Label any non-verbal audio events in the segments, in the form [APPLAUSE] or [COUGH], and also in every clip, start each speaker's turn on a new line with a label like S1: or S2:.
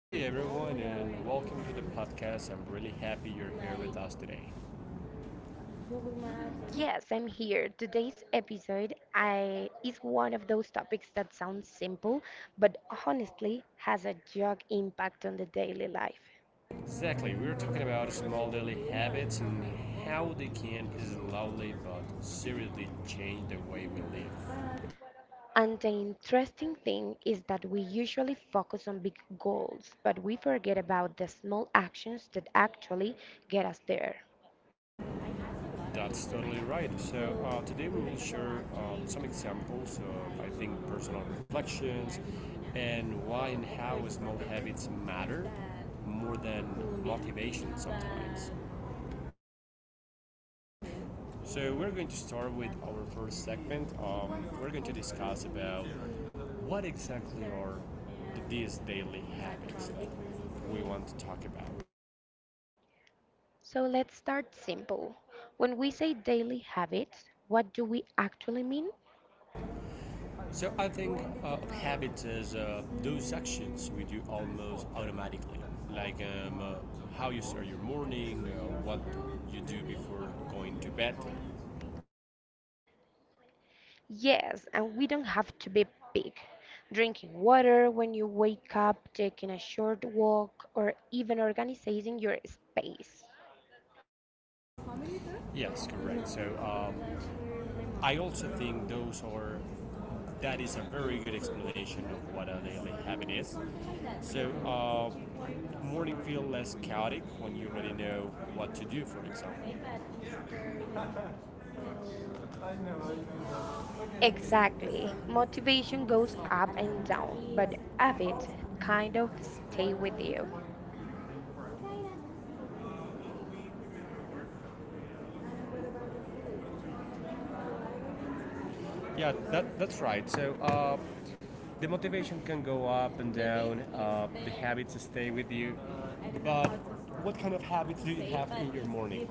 S1: Hey everyone, and welcome to the podcast. I'm really happy you're here with us today.
S2: Yes, I'm here. Is one of those topics that sounds simple, but honestly has a huge impact on the daily life.
S1: Exactly, we are talking about small daily habits and how they can slowly but seriously change the way we live.
S2: And the interesting thing is that we usually focus on big goals, but we forget about the small actions that actually get us there.
S1: That's totally right. So, today we will share some examples of, I think, personal reflections and why and how small habits matter more than motivation sometimes. So we're going to start with our first segment. We're going to discuss about what exactly are these daily habits that we want to talk about.
S2: So let's start simple. When we say daily habits, what do we actually mean?
S1: So I think of habits as those actions we do almost automatically, like how you start your morning, what you do before going to bed.
S2: Yes, and we don't have to be big. Drinking water when you wake up, taking a short walk, or even organizing your space.
S1: Yes, correct. So, I also think those are that is a very good explanation of what a daily habit is. So, morning feel less chaotic when you already know what to do, for example. Exactly.
S2: Exactly. Motivation
S1: Motivation
S2: goes
S1: goes up
S2: up and
S1: and
S2: down,
S1: down, but
S2: but
S1: effort
S2: habits kind
S1: kind of
S2: of
S1: still
S2: stay with you.
S1: there. Yeah, that's right. So, the motivation can go up and down, the habits stay with you. But what kind of habits do you have in your morning?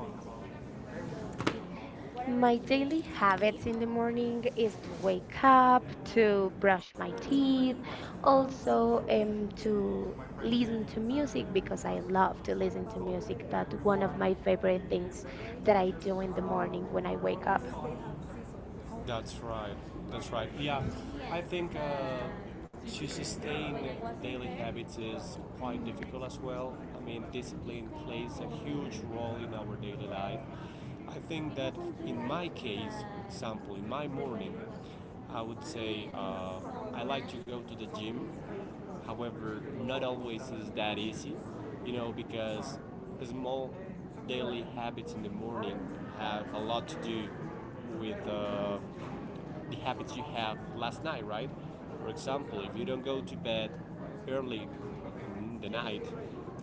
S1: My
S2: My
S1: daily
S2: daily
S1: habits
S2: habits
S1: in
S2: in
S1: the
S2: the
S1: morning
S2: morning
S1: is
S2: is
S1: to
S2: to wake
S1: wake up,
S2: up,
S1: to
S2: to
S1: brush
S2: brush
S1: my
S2: my
S1: teeth,
S2: teeth,
S1: also
S2: also
S1: and to
S2: to listen
S1: listen
S2: to
S1: to music
S2: music
S1: because
S2: because
S1: I
S2: I love
S1: love to
S2: to
S1: listen
S2: listen to
S1: to music.
S2: music. That's
S1: It's
S2: one
S1: one
S2: of
S1: of my
S2: my favorite
S1: favorite things
S2: things
S1: that
S2: that
S1: I
S2: I
S1: do in
S2: do
S1: the
S2: in the morning when I wake
S1: morning
S2: up.
S1: when I wake up. That's right. That's right. Yeah, I think to sustain daily habits is quite difficult as well. I mean, discipline plays a huge role in our daily life. I think that in my case, for example, in my morning, I would say I like to go to the gym. However, not always is that easy, you know, because small daily habits in the morning have a lot to do with the habits you have last night, right? For example, if you don't go to bed early in the night,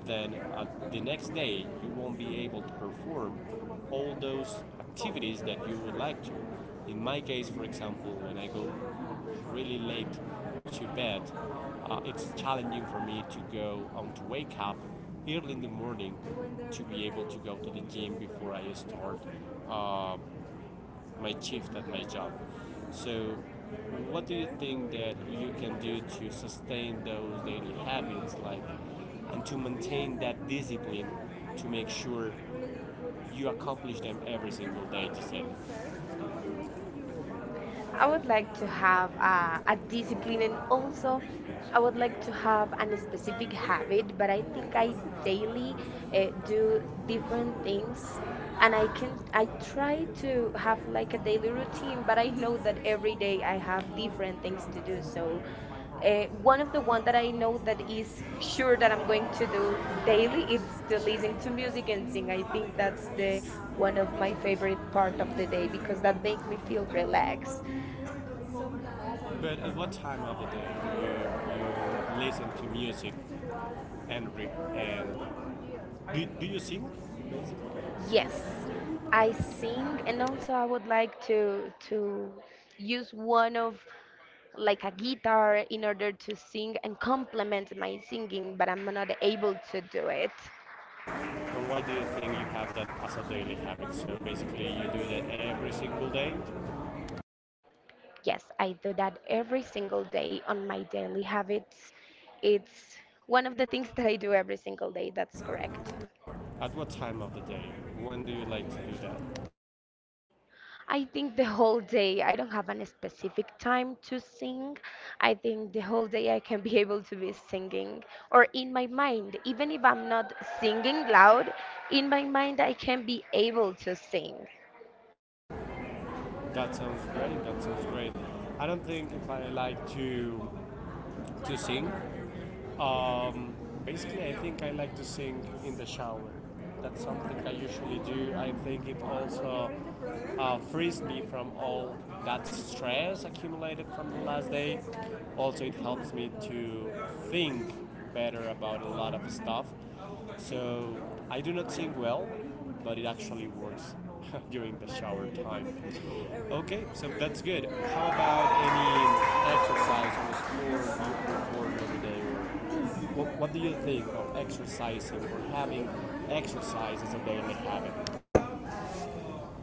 S1: then the next day you won't be able to perform all those activities that you would like to. In my case, for example, when I go really late to bed, it's challenging for me to go on to wake up early in the morning to be able to go to the gym before I start uh, my shift at my job. So, what do you think that you can do to sustain those daily habits, like, and to maintain that discipline to make sure you accomplish them every single day? To say,
S2: I
S1: I would
S2: would
S1: like
S2: like
S1: to
S2: to
S1: have
S2: have a
S1: a
S2: discipline,
S1: discipline and
S2: and
S1: also
S2: also I
S1: I
S2: would
S1: would
S2: like
S1: like
S2: to
S1: to
S2: have
S1: have
S2: an
S1: a specific
S2: specific
S1: habit,
S2: habit, but
S1: but I
S2: I
S1: think
S2: think
S1: I
S2: I
S1: should daily and
S2: daily
S1: do
S2: do different
S1: different things.
S2: things.
S1: And
S2: And
S1: I
S2: I
S1: can
S2: can
S1: I
S2: I
S1: try
S2: try
S1: to
S2: to have
S1: have like
S2: like a
S1: a
S2: daily
S1: daily routine,
S2: routine,
S1: but
S2: but I
S1: I know
S2: know
S1: that
S2: that every
S1: every day
S2: day
S1: I
S2: I
S1: have
S2: have
S1: different
S2: different
S1: things
S2: things
S1: to
S2: to
S1: do.
S2: do.
S1: So
S2: So one
S1: one of
S2: of
S1: the
S2: the one
S1: one
S2: that
S1: that
S2: I
S1: I know
S2: know
S1: that
S2: that
S1: is
S2: is [LAUGHS]
S1: sure
S2: sure
S1: that
S2: that
S1: I'm
S2: I'm going
S1: going to
S2: to
S1: do
S2: do daily,
S1: daily is
S2: it's
S1: to
S2: to
S1: listen
S2: listen
S1: to
S2: to
S1: music
S2: music
S1: and
S2: and
S1: sing.
S2: sing. I
S1: I
S2: think
S1: think that's
S2: that's the
S1: one
S2: one
S1: of
S2: of
S1: my
S2: my favorite
S1: favorite, one
S2: part
S1: of
S2: of
S1: the
S2: the day because
S1: things that
S2: that
S1: make
S2: make
S1: me
S2: me
S1: feel
S2: feel relaxed.
S1: relaxed. But at what time of the day you, you listen to music and read? And do you sing? Yes,
S2: Yes,
S1: I
S2: I sing,
S1: sing
S2: and
S1: and
S2: also I would like to use one of like a guitar in order to sing and complement my singing, but I'm not able to do it.
S1: or why do you think you have that as a daily habit? So basically, you do that every single day.
S2: Yes, I do that every single day on my daily habits. It's one of the things [LAUGHS] that I do every single day. That's correct.
S1: At what time of the day? When do you like to do that?
S2: I think the whole day, I don't have a specific time to sing. I think the whole day I can be [LAUGHS] able to be singing or in my mind, even if I'm not singing loud, in my mind I can be able to sing.
S1: That sounds great. That sounds great. I don't think if I like to sing. Um, Basically, I think I like to sing in the shower. That's something I usually do. I think it also frees me from all that stress accumulated from the last day. Also, it helps me to think better about a lot of stuff. So, I do not sing well, but it actually works [LAUGHS] during the shower time. Okay, so that's good. How about any exercise or sport you perform every day or what do you think of exercising or having exercise as a daily habit?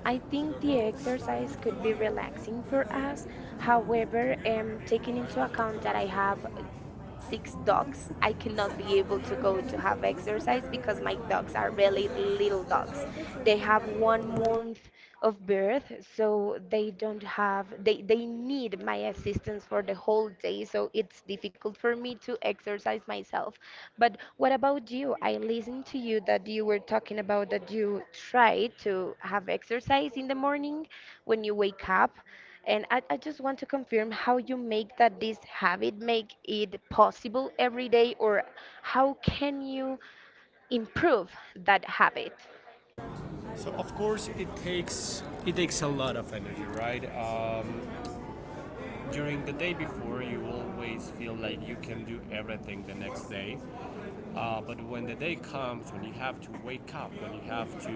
S1: I
S2: I
S1: think
S2: think the
S1: the
S2: exercise
S1: exercise can
S2: could be
S1: be
S2: relaxing
S1: relaxing
S2: for
S1: for
S2: us.
S1: us.
S2: However,
S1: However,
S2: taking
S1: taking into
S2: into account
S1: account that
S2: that
S1: I
S2: I
S1: have
S2: have
S1: six
S2: six dogs,
S1: dogs, I
S2: I cannot
S1: cannot
S2: be
S1: be
S2: able
S1: able
S2: to
S1: to go
S2: go to
S1: to
S2: have
S1: have
S2: exercise
S1: exercise
S2: because
S1: because my
S2: my
S1: dogs
S2: dogs are
S1: are really
S2: really little
S1: little
S2: dogs.
S1: dogs.
S2: They
S1: They have
S2: have one
S1: one.
S2: month of birth, so they don't have, they need my assistance for the whole day, so it's difficult for me to exercise myself. But what about you? I listened to you that you were talking about that you try to have exercise in the morning when you wake up. And I just want to confirm how you make that this habit make it possible every day, or how can you improve that habit?
S1: So of course it takes a lot of energy, right? During the day before, you always feel like you can do everything the next day. But when the day comes, when you have to wake up, when you have to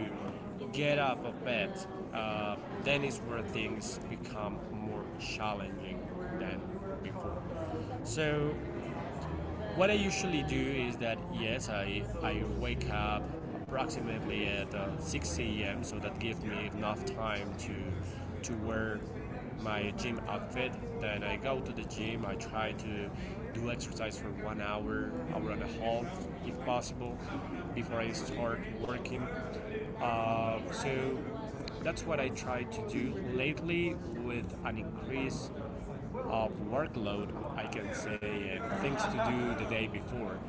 S1: get up of bed, uh, then is where things become more challenging than before. So what I usually do is that yes, I wake up approximately at 6 a.m. So that gives me enough time to wear my gym outfit. Then I go to the gym. I try to do exercise for 1 hour, hour and a half, if possible, before I start working. So that's what I try to do lately. With an increase of workload, I can say, and things to do the day before,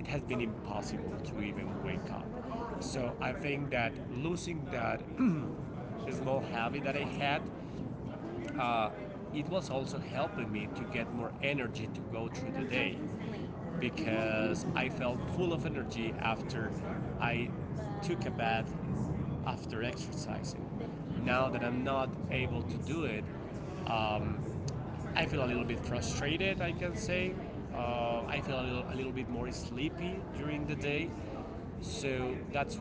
S1: it has been impossible to even wake up. So I think that losing that [CLEARS THROAT] small habit that I had, uh, it was also helping me to get more energy to go through the day because I felt full of energy after I took a bath after exercising. Now that I'm not able to do it, um, I feel a little bit frustrated, I can say. I feel a little bit more sleepy during the day. So that's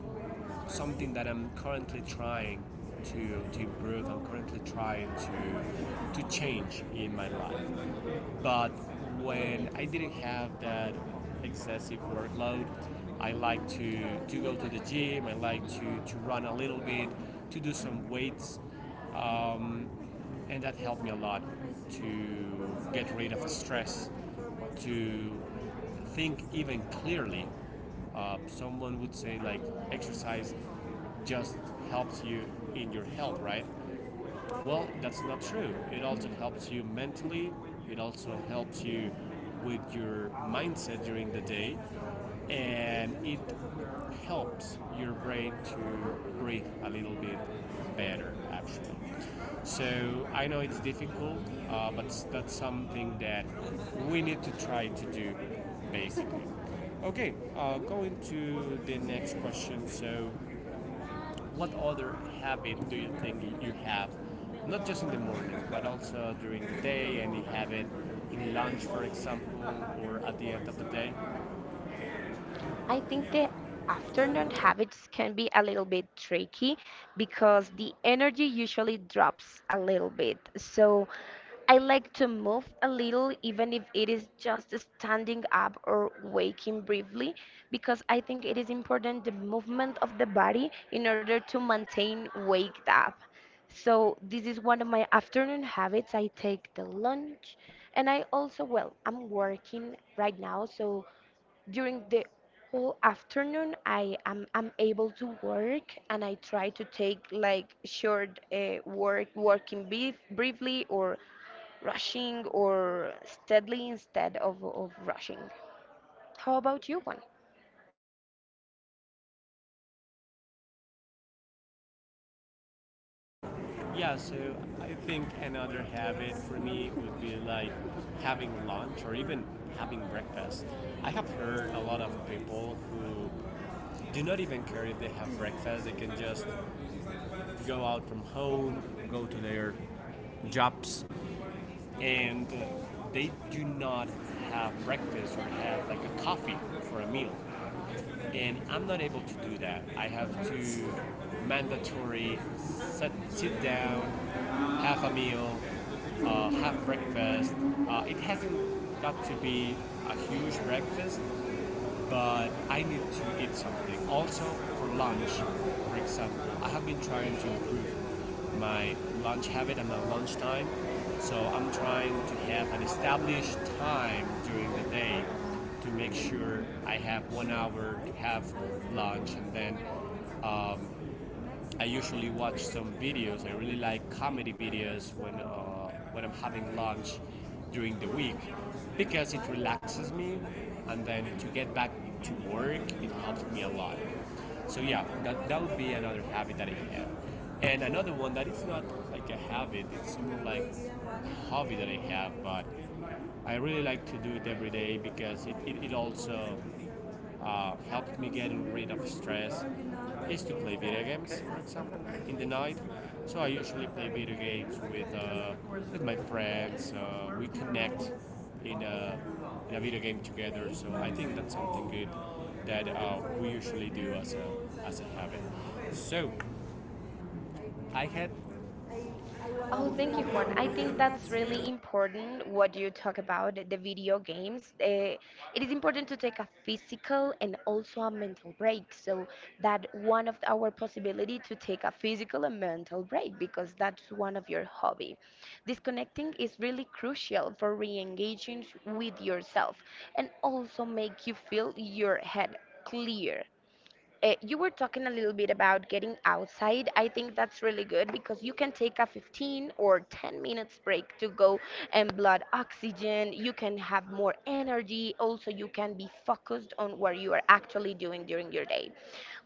S1: something that I'm currently trying to improve. I'm currently trying to change in my life. But when I didn't have that excessive workload, I like to go to the gym, I like to run a little bit, to do some weights. Um, and that helped me a lot to get rid of stress, to think even clearly. Someone would say like exercise just helps you in your health, right? Well, that's not true. It also helps you mentally, it also helps you with your mindset during the day, and it helps your brain to breathe a little bit better, actually. So I know it's difficult, but that's something that we need to try to do, basically. Okay, going to the next question. So, what other habit do you think you have? Not just in the morning, but also during the day, and you have it in lunch, for example, or at the end of the day. I
S2: I
S1: think
S2: think the
S1: the afternoon
S2: afternoon
S1: habit.
S2: habits can be a little bit tricky because the energy usually drops a little bit. So I like to move a little, even if it is just standing up or waking briefly, because I think it is important the movement of the body in order to maintain waked up. So this is one of my afternoon habits. I take the lunch, and I also, well, I'm working right now, so during the whole afternoon I'm able to work, and I try to take like short work working briefly or rushing or steadily instead of rushing. How about you one?
S1: Yeah, so I think another habit for me would be like having lunch or even having breakfast. I have heard a lot of people who do not even care if they have breakfast, they can just go out from home, go to their jobs, and they do not have breakfast or have like a coffee for a meal. And I'm not able to do that. I have to mandatory sit down, have a meal, have breakfast. It hasn't got to be a huge breakfast, but I need to eat something. Also, for lunch, for example, I have been trying to improve my lunch habit and my lunch time. So I'm trying to have an established time during the day to make sure I have 1 hour to have lunch and then um, I usually watch some videos. I really like comedy videos when I'm having lunch during the week because it relaxes me, and then to get back to work, it helps me a lot. So yeah, that would be another habit that I have, and another one that it's not like a habit. It's more like a hobby that I have, but I really like to do it every day because it also helped me getting rid of stress is to play video games, for example, in the night. So I usually play video games with my friends. We connect in a, in a video game together. So I think that's something good that we usually do as a habit. So I had.
S2: Oh, thank you,
S1: Thank you.
S2: Juan. I
S1: I
S2: think
S1: think
S2: that's
S1: that's
S2: really
S1: really.
S2: important what you talk about the video games. It is important to take a physical and also a mental break. So that one of our possibility to take a physical and mental break because that's one of your hobby. Disconnecting is really crucial for re-engaging with yourself, and also make you feel your head clear. You were talking a little bit about getting outside. I think that's really good because you can take a 15 or 10 minutes break to go and blood oxygen. You can have more energy. Also, you can be focused on what you are actually doing during your day.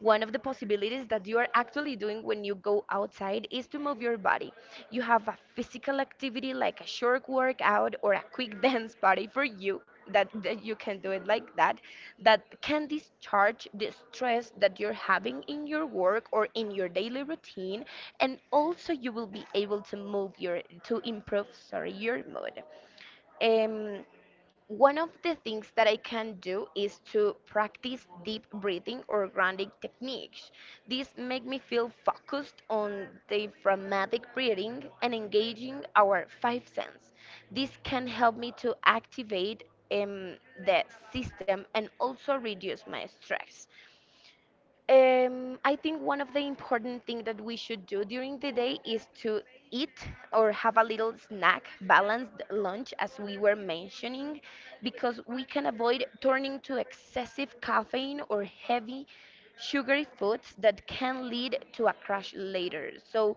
S2: One of the possibilities that you are actually doing when you go outside is to move your body. You have a physical activity like a short workout or a quick [LAUGHS] dance party for you that you can do it like that, that can discharge the stress that you're having in your work or in your daily routine, and also you will be able to move your to improve, sorry, your mood. um One of the things that I can do is to practice deep breathing or grounding techniques. These make me feel focused on diaphragmatic breathing and engaging our five sense. This can help me to activate um, the system, and also reduce my stress. I think one of the important things that we should do during the day is to eat or have a little snack, balanced lunch, as we were mentioning, because we can avoid turning to excessive caffeine or heavy sugary foods that can lead to a crash later. So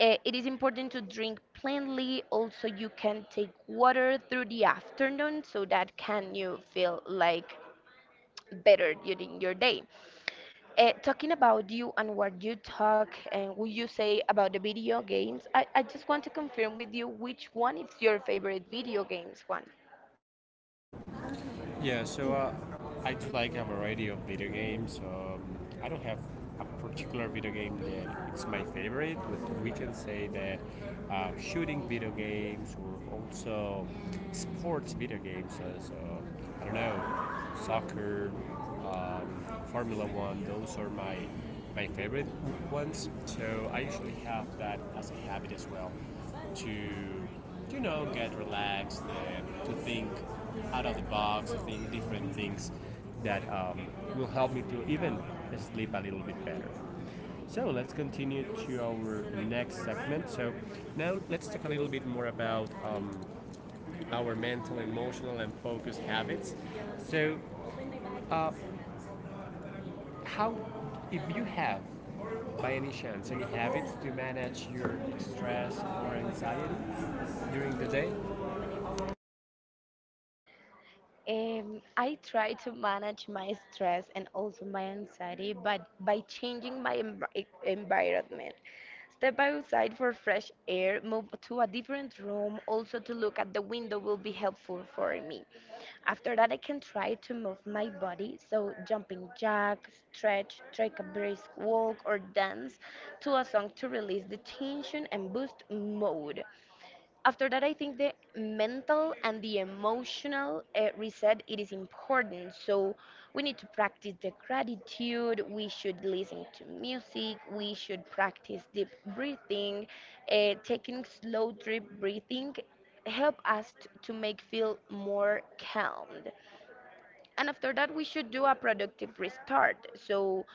S2: it is important to drink plenty. Also, you can take water through the afternoon so that can you feel like better during your day. Talking about you and what you talk and what you say about the video games, I just want to confirm with you which one is your favorite video games one.
S1: Yeah, so I do like a variety of video games. I don't have a particular video game that it's my favorite, but we can say that shooting video games or also sports video games, as I don't know, soccer, and Formula One. Those are my favorite ones. So I usually have that as a habit as well to you know get relaxed and to think out of the box, to think different things that will help me to even sleep a little bit better. So let's continue to our next segment. So now let's talk a little bit more about our mental, emotional, and focused habits. So uh, how if you have by any chance any habits to manage your stress or anxiety during the day?
S2: I try to manage my stress and also my anxiety, but by changing my environment. Step outside for fresh air, move to a different room, also to look at the window will be helpful for me. After that, I can try to move my body, so jumping jack, stretch, take a brisk walk, or dance to a song to release the tension and boost mood. After that, I think the mental and the emotional reset it is important. So we need to practice the gratitude. We should listen to music. We should practice deep breathing, taking slow deep breathing help us to make feel more calm. And after that, we should do a productive restart. So,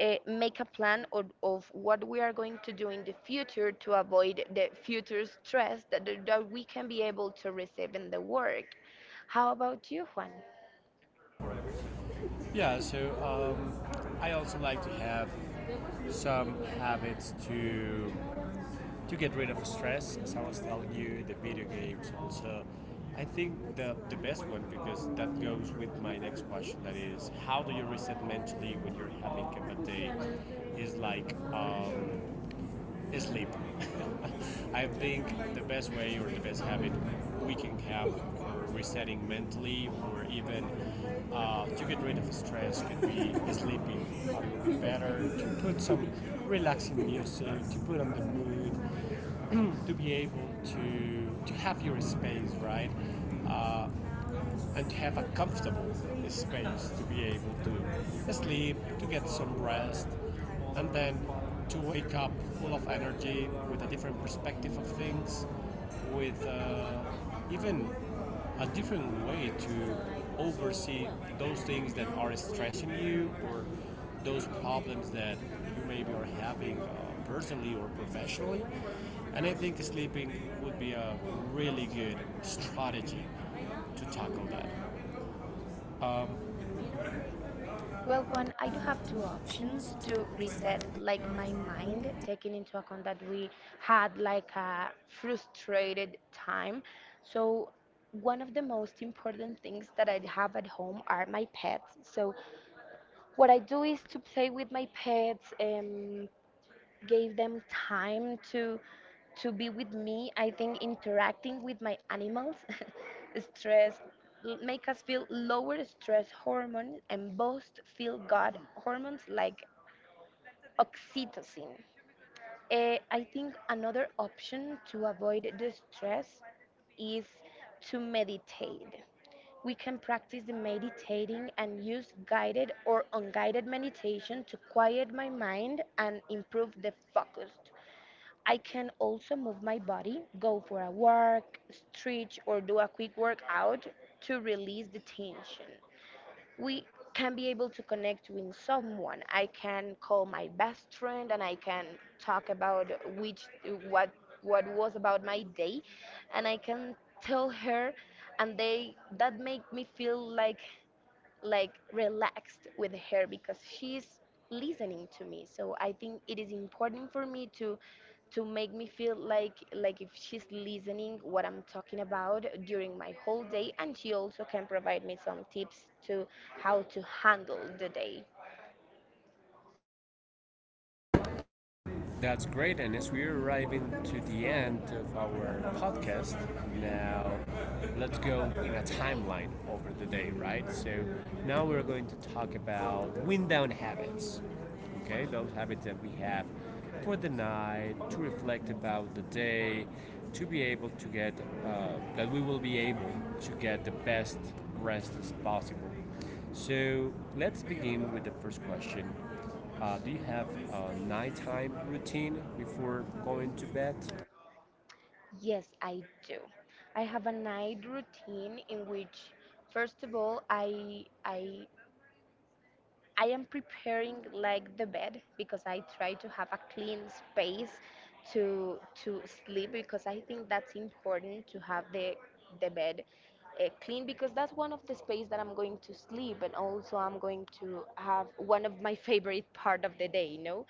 S2: make a plan of what we are going to do in the future to avoid the future stress that we can be able to receive in the work. How about you, Juan?
S1: Yeah, so um, I also like to have some habits to get rid of stress. As I was telling you, the video games also. I think the best one, because that goes with my next question. That is, how do you reset mentally when you're having a bad day? Is like is sleep. [LAUGHS] I think the best way or the best habit we can have for resetting mentally, or even to get rid of stress, could be [LAUGHS] sleeping a little bit better, to put some relaxing music, to put on the mood, [CLEARS THROAT] to be able to have your space, right? Uh, and have a comfortable space to be able to sleep, to get some rest, and then to wake up full of energy with a different perspective of things, with even a different way to oversee those things that are stressing you, or those problems that you maybe are having personally or professionally. And I think sleeping would be a really good strategy to tackle that. Um,
S2: Well,
S1: Well,
S2: Juan, I
S1: you
S2: do have
S1: have two
S2: two
S1: options
S2: options
S1: to
S2: to
S1: reset.
S2: reset, like my mind, taking into account that we had like a frustrated time. So, one of the most important things that I have at home are my pets. So, what I do is to play with my pets and give them time to be with me. I think interacting with my animals [LAUGHS] stress make us feel lower stress hormones and boost feel good hormones like oxytocin. Eh, I think another option to avoid the stress is to meditate. We can practice the meditating and use guided or unguided meditation to quiet my mind and improve the focus. I can also move my body, go for a walk, stretch, or do a quick workout to release the tension. We can be able to connect with someone. I can call my best friend, and I can talk about which what what was about my day, and I can tell her, and they that make me feel like relaxed with her because she's listening to me. So I think it is important for me to make me feel like if she's listening what I'm talking about during my whole day, and she also can provide me some tips to how to handle the day.
S1: That's great, and as we're arriving to the end of our podcast, now let's go in a timeline over the day, right? So now we're going to talk about wind down habits. Okay, those habits that we have for the night to reflect about the day, to be able to get uh, that we will be able to get the best rest as possible. So let's begin with the first question. Do you have a nighttime routine before going to bed?
S2: Yes, I do. I have a night routine in which first of all I am preparing like the bed because I try to have a clean space to to sleep, because I think that's important to have the bed clean, because that's one of the space that I'm going to sleep, and also I'm going to have one of my [LAUGHS] favorite part of the day, you know.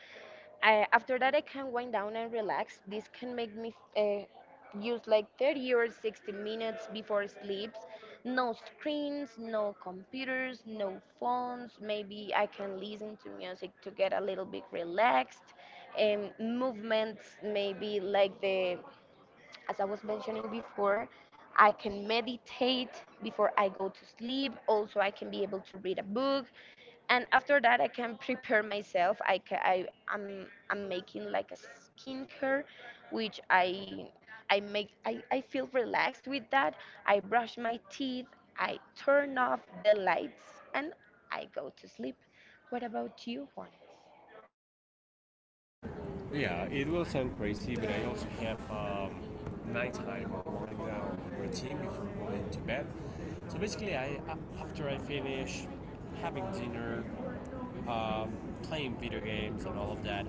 S2: I, after that, I can wind down and relax. This can make me use like 30 or 60 minutes before sleep. No screens, no computers, no phones. Maybe I can listen to music to get a little bit relaxed. Movements, maybe like the as I was mentioning before, I can meditate before I go to sleep. Also, I can be able to read a book. And after that, I can prepare myself. I, ca- I, am I'm making like a skincare, which I feel relaxed with that. I brush my teeth, I turn off the lights, and I go to sleep. What about you, Juan?
S1: Yeah, it will sound crazy, but I also have nice time or wind down routine before going to bed. So basically, I after I finish having dinner, um, playing video games, and all of that,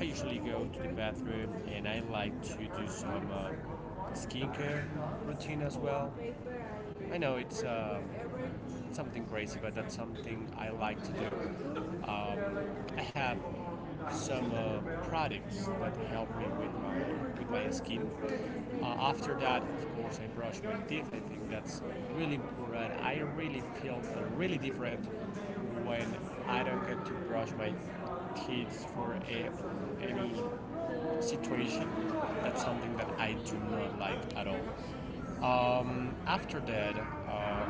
S1: I usually go to the bathroom and I like to do some skincare routine as well. I know it's something crazy, but that's something I like to do. Um, I have some products that help me with my skin. After that, of course, I brush my teeth. I think that's really important. I really feel really different when I don't get to brush my teeth for a, any situation. That's something that I do not like at all. After that, uh,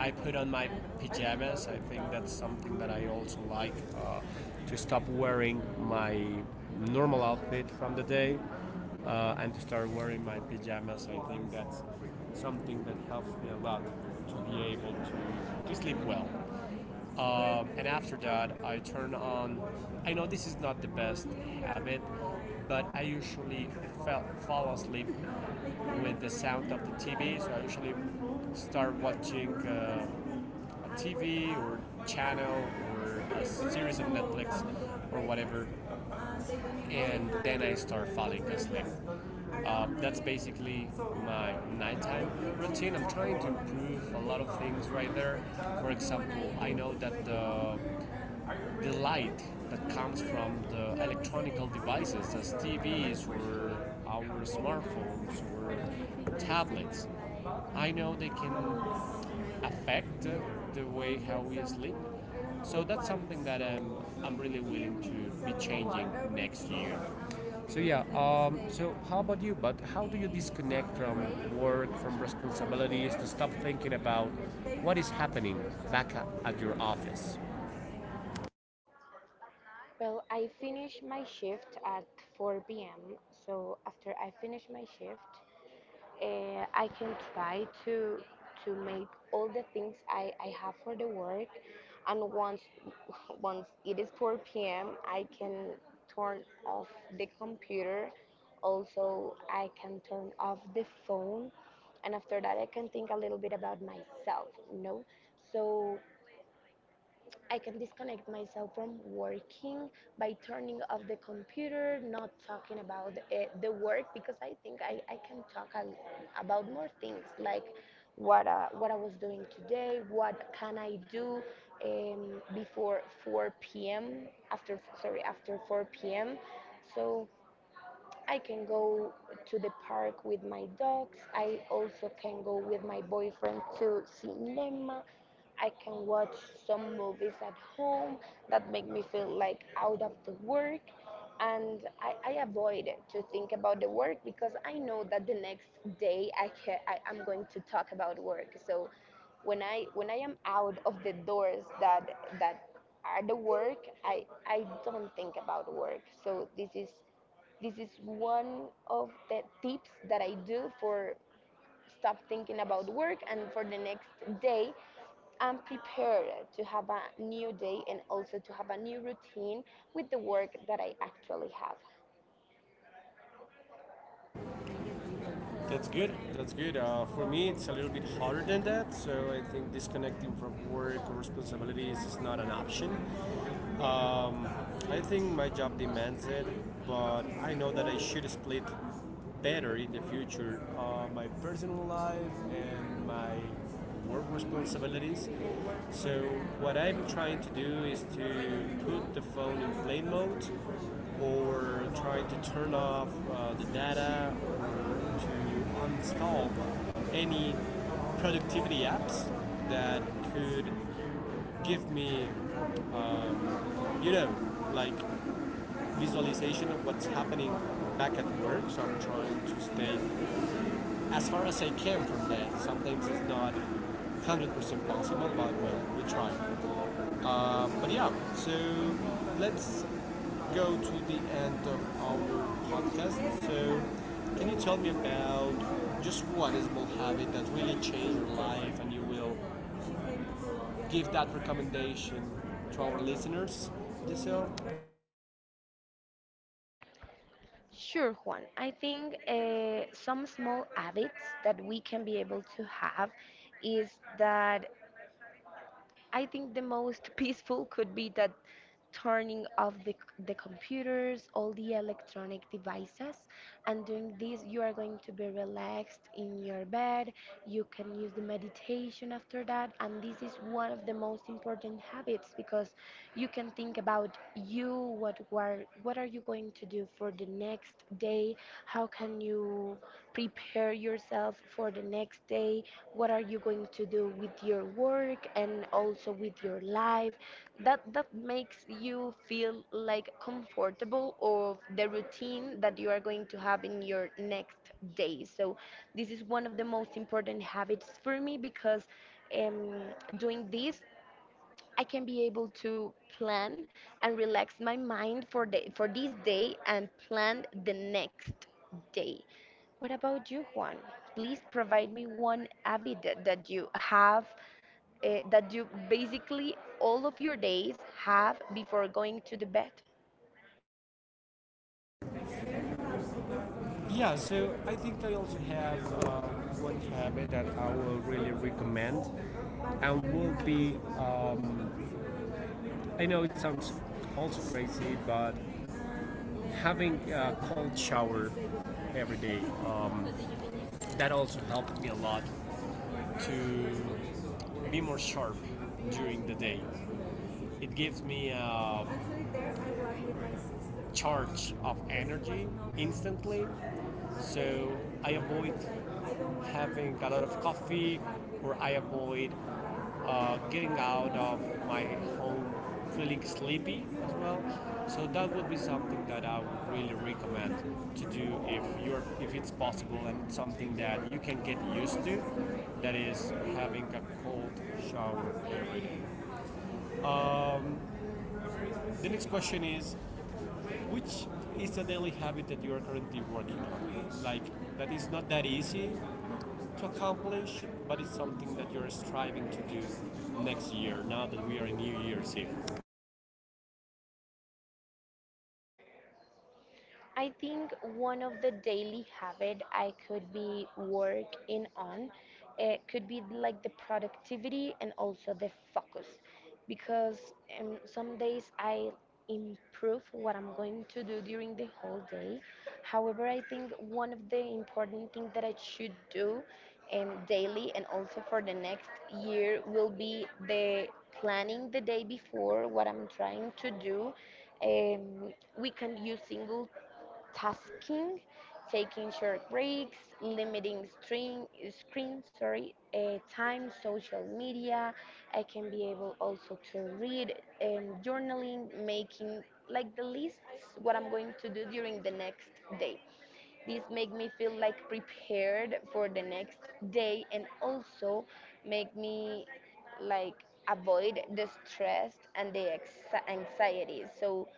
S1: I put on my pajamas. I think that's something that I also like to stop wearing my normal outfit from the day, and to start wearing my pajamas. I think that's something that helps me a lot to be able to sleep well. And after that, I turn on. I know this is not the best habit, but I usually fall asleep with the sound of the TV. So I usually start watching a TV or channel, or a series on Netflix or whatever, and then I start falling asleep. That's basically my nighttime routine. I'm trying to improve a lot of things right there. For example, I know that the light that comes from the electronical devices, as TVs or our smartphones or tablets, I know they can affect the way how we sleep. So that's something that I'm really willing to be changing next year. So yeah, so how about you? But how do you disconnect from work, from responsibilities, to stop thinking about what is happening back at your office?
S2: Finish my shift at 4 p.m. So after I finish my shift, I can try to make all the things I have for the work, and once [LAUGHS] once it is 4 p.m. I can turn off the computer. Also I can turn off the phone, and after that I can think a little bit about myself, you know so I can disconnect myself from working by turning off the computer, not talking about the work, because I think I can talk about more things like what I was doing today, what can I do before 4 p.m. After, sorry, after 4 p.m. So I can go to the park with my dogs. I also can go with my boyfriend to cinema. I can watch some movies at home that make me feel like out of the work. And I avoid to think about the work because I know that the next day I am going to talk about work. So when I am out of the doors that are the work, I don't think about work. So this is one of the tips that I do for stop thinking about work. And for the next day I'm prepared to have a new day, and also to have a new routine with the work that I actually have.
S1: That's good. That's good. For me, it's a little bit harder than that. So I think disconnecting from work or responsibilities is not an option. I think my job demands it, but I know that I should split better in the future, my personal life and my work responsibilities. So what I'm trying to do is to put the phone in plane mode, or try to turn off the data, or to uninstall any productivity apps that could give me, um, you know, like visualization of what's happening back at work. So I'm trying to stay as far as I came from that. Sometimes it's not 100% possible, but well, we try. But yeah, so let's go to the end of our podcast. So, can you tell me about just one small habit that really changed your life, and you will give that recommendation to our listeners? So
S2: Sure, Juan. I think some small habits that we can be able to have is that I think the most [LAUGHS] peaceful could be that turning off the computers, all the electronic devices, and doing this, you are going to be relaxed in your bed. You can use the meditation after that, and this is one of the most important habits, because you can think about you, what are you going to do for the next day, how can you prepare yourself for the next day? What are you going to do with your work and also with your life? That makes you feel like comfortable of the routine that you are going to have in your next day. So this is one of the most important habits for me because um, doing this I can be able to plan and relax my mind for the for this day and plan the next day. What about you, Juan? Please provide me one habit that you have that you basically all of your days have before going to the bed.
S1: yeah, so I think I also have one habit that I will really recommend, and will be. Um, I know it sounds also crazy, but having a cold shower every day, um, that also helped me a lot to be more sharp during the day. It gives me a charge of energy instantly. So I avoid having a lot of coffee, or I avoid getting out of my home feeling sleepy as well. So that would be something that I would really recommend to do if you're if it's possible and it's something that you can get used to. That is having a cold shower. The next question is which is a daily habit that you are currently working on? Like that is not that easy to accomplish, but it's something that you're striving to do next year, now that we are in New Year's Eve?
S2: I think one of the daily habit I could be work in on it could be like the productivity and also the focus, because some days I improve what I'm going to do during the whole day. However, I think one of the important things that I should do daily and also for the next year will be the planning the day before what I'm trying to do. um, we can use single multitasking, taking short breaks, limiting screen, screen, sorry, time, social media. I can be able also to read and journaling, making like the lists what I'm going to do during the next day. This make me feel like prepared for the next day, and also make me like avoid the stress and the anxiety. So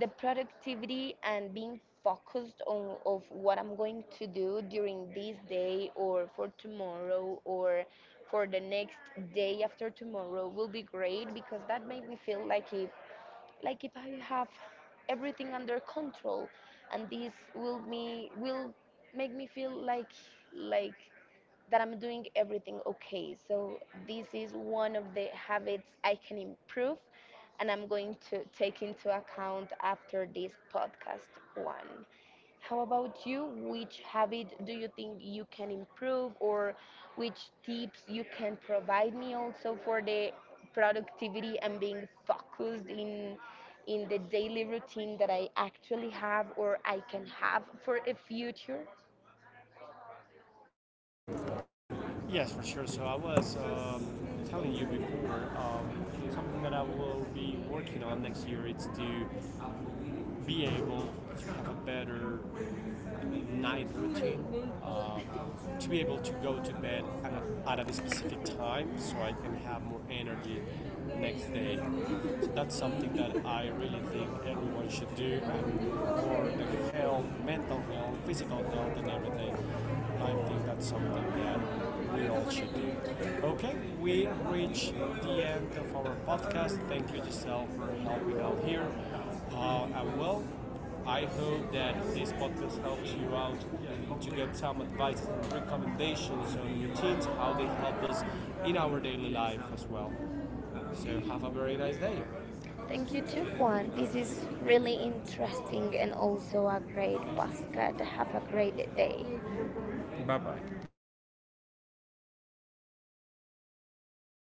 S2: the productivity and being focused on of what I'm going to do during this day or for tomorrow or for the next day after tomorrow will be great, because that made me feel like if I have everything under control, and this will make me feel like that I'm doing everything okay. So this is one of the habits I can improve, and I'm going to take into account after this podcast one. How about you? Which habit do you think you can improve, or which tips you can provide me also for the productivity and being focused in the daily routine that I actually have or I can have for a future?
S1: Yes, for sure. So I was telling you before, something that I will be working on next year is to be able to have a better night routine, um, to be able to go to bed at at a specific time so I can have more energy next day. So that's something that I really think everyone should do, and for the health, mental health, physical health, and everything. I think that's something that we all should do. Okay, we reach the end of our podcast. Thank you, Giselle, for helping out here. And well, I hope that this podcast helps you out to get some advice and recommendations on routines, how they help us in our daily life as well. So have a very nice day. Thank
S2: Thank you
S1: you
S2: too, Juan.
S1: too.
S2: This
S1: This is
S2: is
S1: really
S2: really
S1: interesting
S2: interesting
S1: and
S2: and
S1: also
S2: also
S1: a
S2: a
S1: great
S2: great
S1: podcast.
S2: podcast. Have a
S1: Have
S2: great
S1: a
S2: day.
S1: great day.